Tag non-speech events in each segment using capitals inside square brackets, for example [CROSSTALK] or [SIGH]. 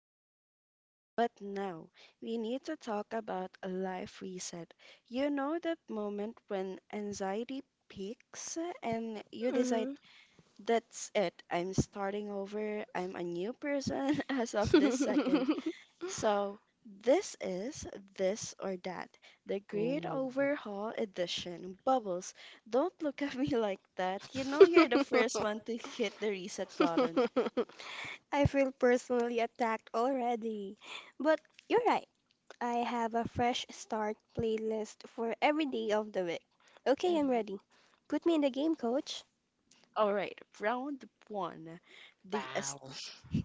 our lifestyle, but now we need to talk about a life reset. You know that moment when anxiety peaks and you decide, Mhm. that's it, I'm starting over, I'm a new person [LAUGHS] as of this [LAUGHS] second. So, this is This or That, the Great Oh, Overhaul Edition. Bubbles, don't look at me [LAUGHS] like that. You know you're the first one to hit the reset button. I feel personally attacked already. But you're right. I have a fresh start playlist for every day of the week. Okay, I'm Mm-hmm. ready. Put me in the game, coach. All right, round one. The aes- wow. [LAUGHS]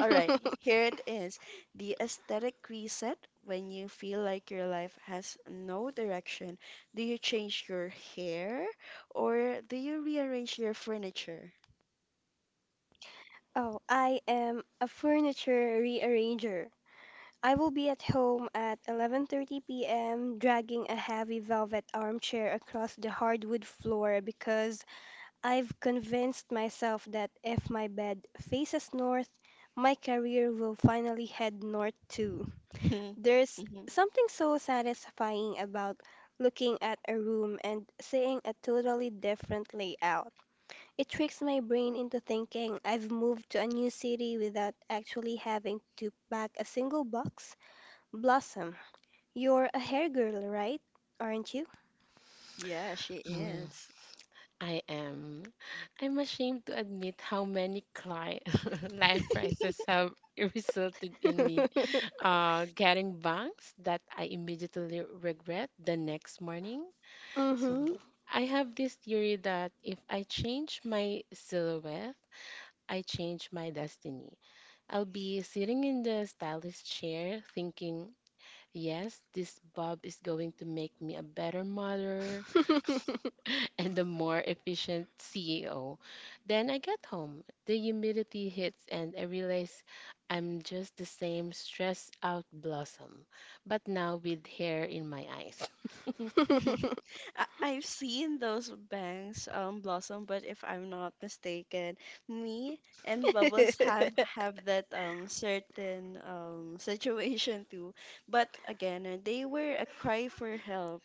All right, here it is. The aesthetic reset. When you feel like your life has no direction, do you change your hair or do you rearrange your furniture? Oh, I am a furniture rearranger. I will be at home at 11:30 p.m. dragging a heavy velvet armchair across the hardwood floor because I've convinced myself that if my bed faces north, my career will finally head north too. [LAUGHS] There's Mhm. something so satisfying about looking at a room and seeing a totally different layout. It tricks my brain into thinking I've moved to a new city without actually having to pack a single box. Blossom, you're a hair girl, right? Aren't you? Yeah, she Mm, is. I am. I'm ashamed to admit how many cli [LAUGHS] life crises [LAUGHS] have resulted in me [LAUGHS] getting bangs that I immediately regret the next morning. So Mm-hmm. I have this theory that if I change my silhouette, I change my destiny. I'll be sitting in the stylist chair thinking, yes, this bob is going to make me a better mother, [LAUGHS] and the more efficient CEO. Then I get home, the humidity hits, and I realize I'm just the same stressed out blossom, but now with hair in my eyes. [LAUGHS] [LAUGHS] I've seen those bangs blossom, but if I'm not mistaken, me and Bubbles have [LAUGHS] have that certain [LAUGHS] situation too. But again, they were a cry for help.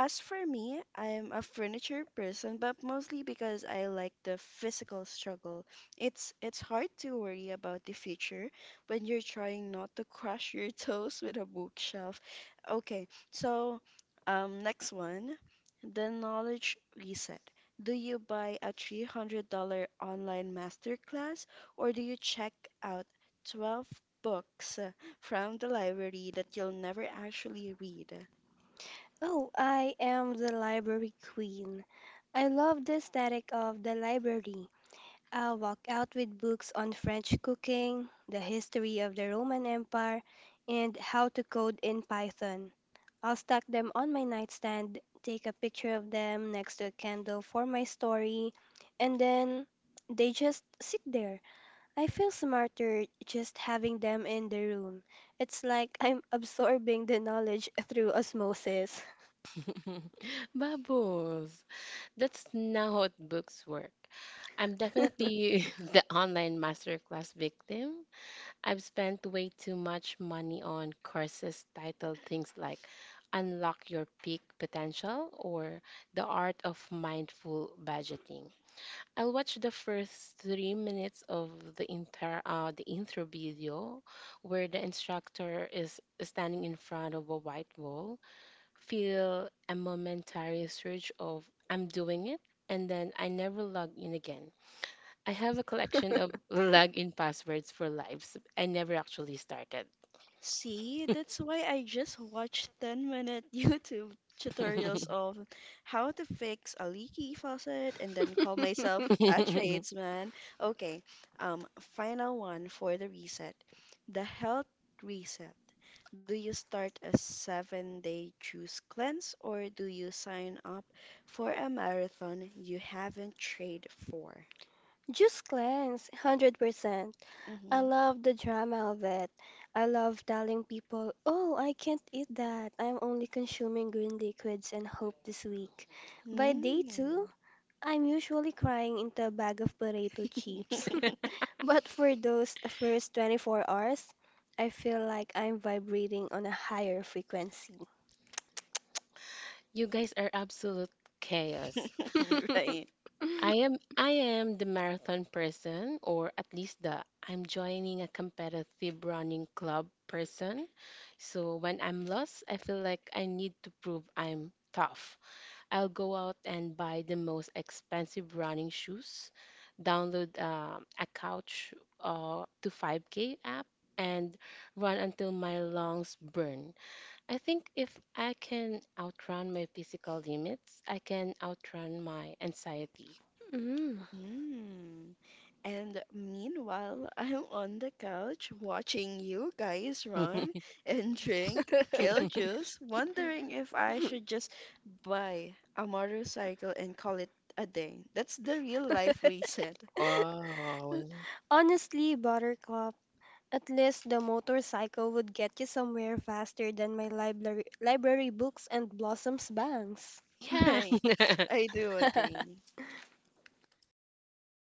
As for me, I'm a furniture person, but mostly because I like the physical struggle. It's hard to worry about the future when you're trying not to crush your [LAUGHS] toes with a bookshelf. Okay, so, next one, the knowledge reset. Do you buy a $300 online masterclass or do you check out 12 books from the library that you'll never actually read? Oh, I am the library queen. I love the aesthetic of the library. I'll walk out with books on French cooking, the history of the Roman Empire, and how to code in Python. I'll stack them on my nightstand, take a picture of them next to a candle for my story, and then they just sit there. I feel smarter just having them in the room. It's like [LAUGHS] I'm absorbing the knowledge through osmosis. [LAUGHS] Bubbles! That's now how books work. I'm definitely [LAUGHS] the online masterclass victim. I've spent way too much money on courses titled things like Unlock Your Peak Potential or The Art of Mindful Budgeting. I'll watch the first 3 minutes of the intro video where the instructor is standing in front of a white wall, feel a momentary surge of I'm doing it, and then I never log in again. I have a collection of login passwords for lives I never actually started. See, that's why I just watched 10 minute [LAUGHS] YouTube tutorials [LAUGHS] of how to fix a leaky faucet and then call myself a [LAUGHS] tradesman. Okay, Final one for the reset. The health reset. Do you start a 7 day juice cleanse or do you sign up for a marathon you haven't trained for? Juice cleanse, 100%. I Mm-hmm. love the drama of it. I love telling people, oh, I can't eat that. I'm only consuming green liquids and hope this week. By day two, I'm usually crying into a bag of potato chips. Mm. But for those first 24 hours, I feel like I'm vibrating on a higher frequency. You guys are absolute chaos. [LAUGHS] [LAUGHS] [LAUGHS] Right. I am the marathon person, or at least the I'm joining a competitive running club person. So when I'm lost, I feel like I need to prove I'm tough. I'll go out and buy the most expensive running shoes, download a couch to 5K app, and run until my lungs burn. I think if I can outrun my physical limits, I can outrun my anxiety. Mm. Mm. And meanwhile, [LAUGHS] I'm on the couch watching you guys run [LAUGHS] and drink kale [LAUGHS] juice, wondering if I should just buy a motorcycle and call it a day. That's the real life reset, Wow. Honestly, Buttercup, at least the motorcycle would get you somewhere faster than my library books and blossoms bangs. [LAUGHS] Yeah. right? [LAUGHS] I do agree. [LAUGHS]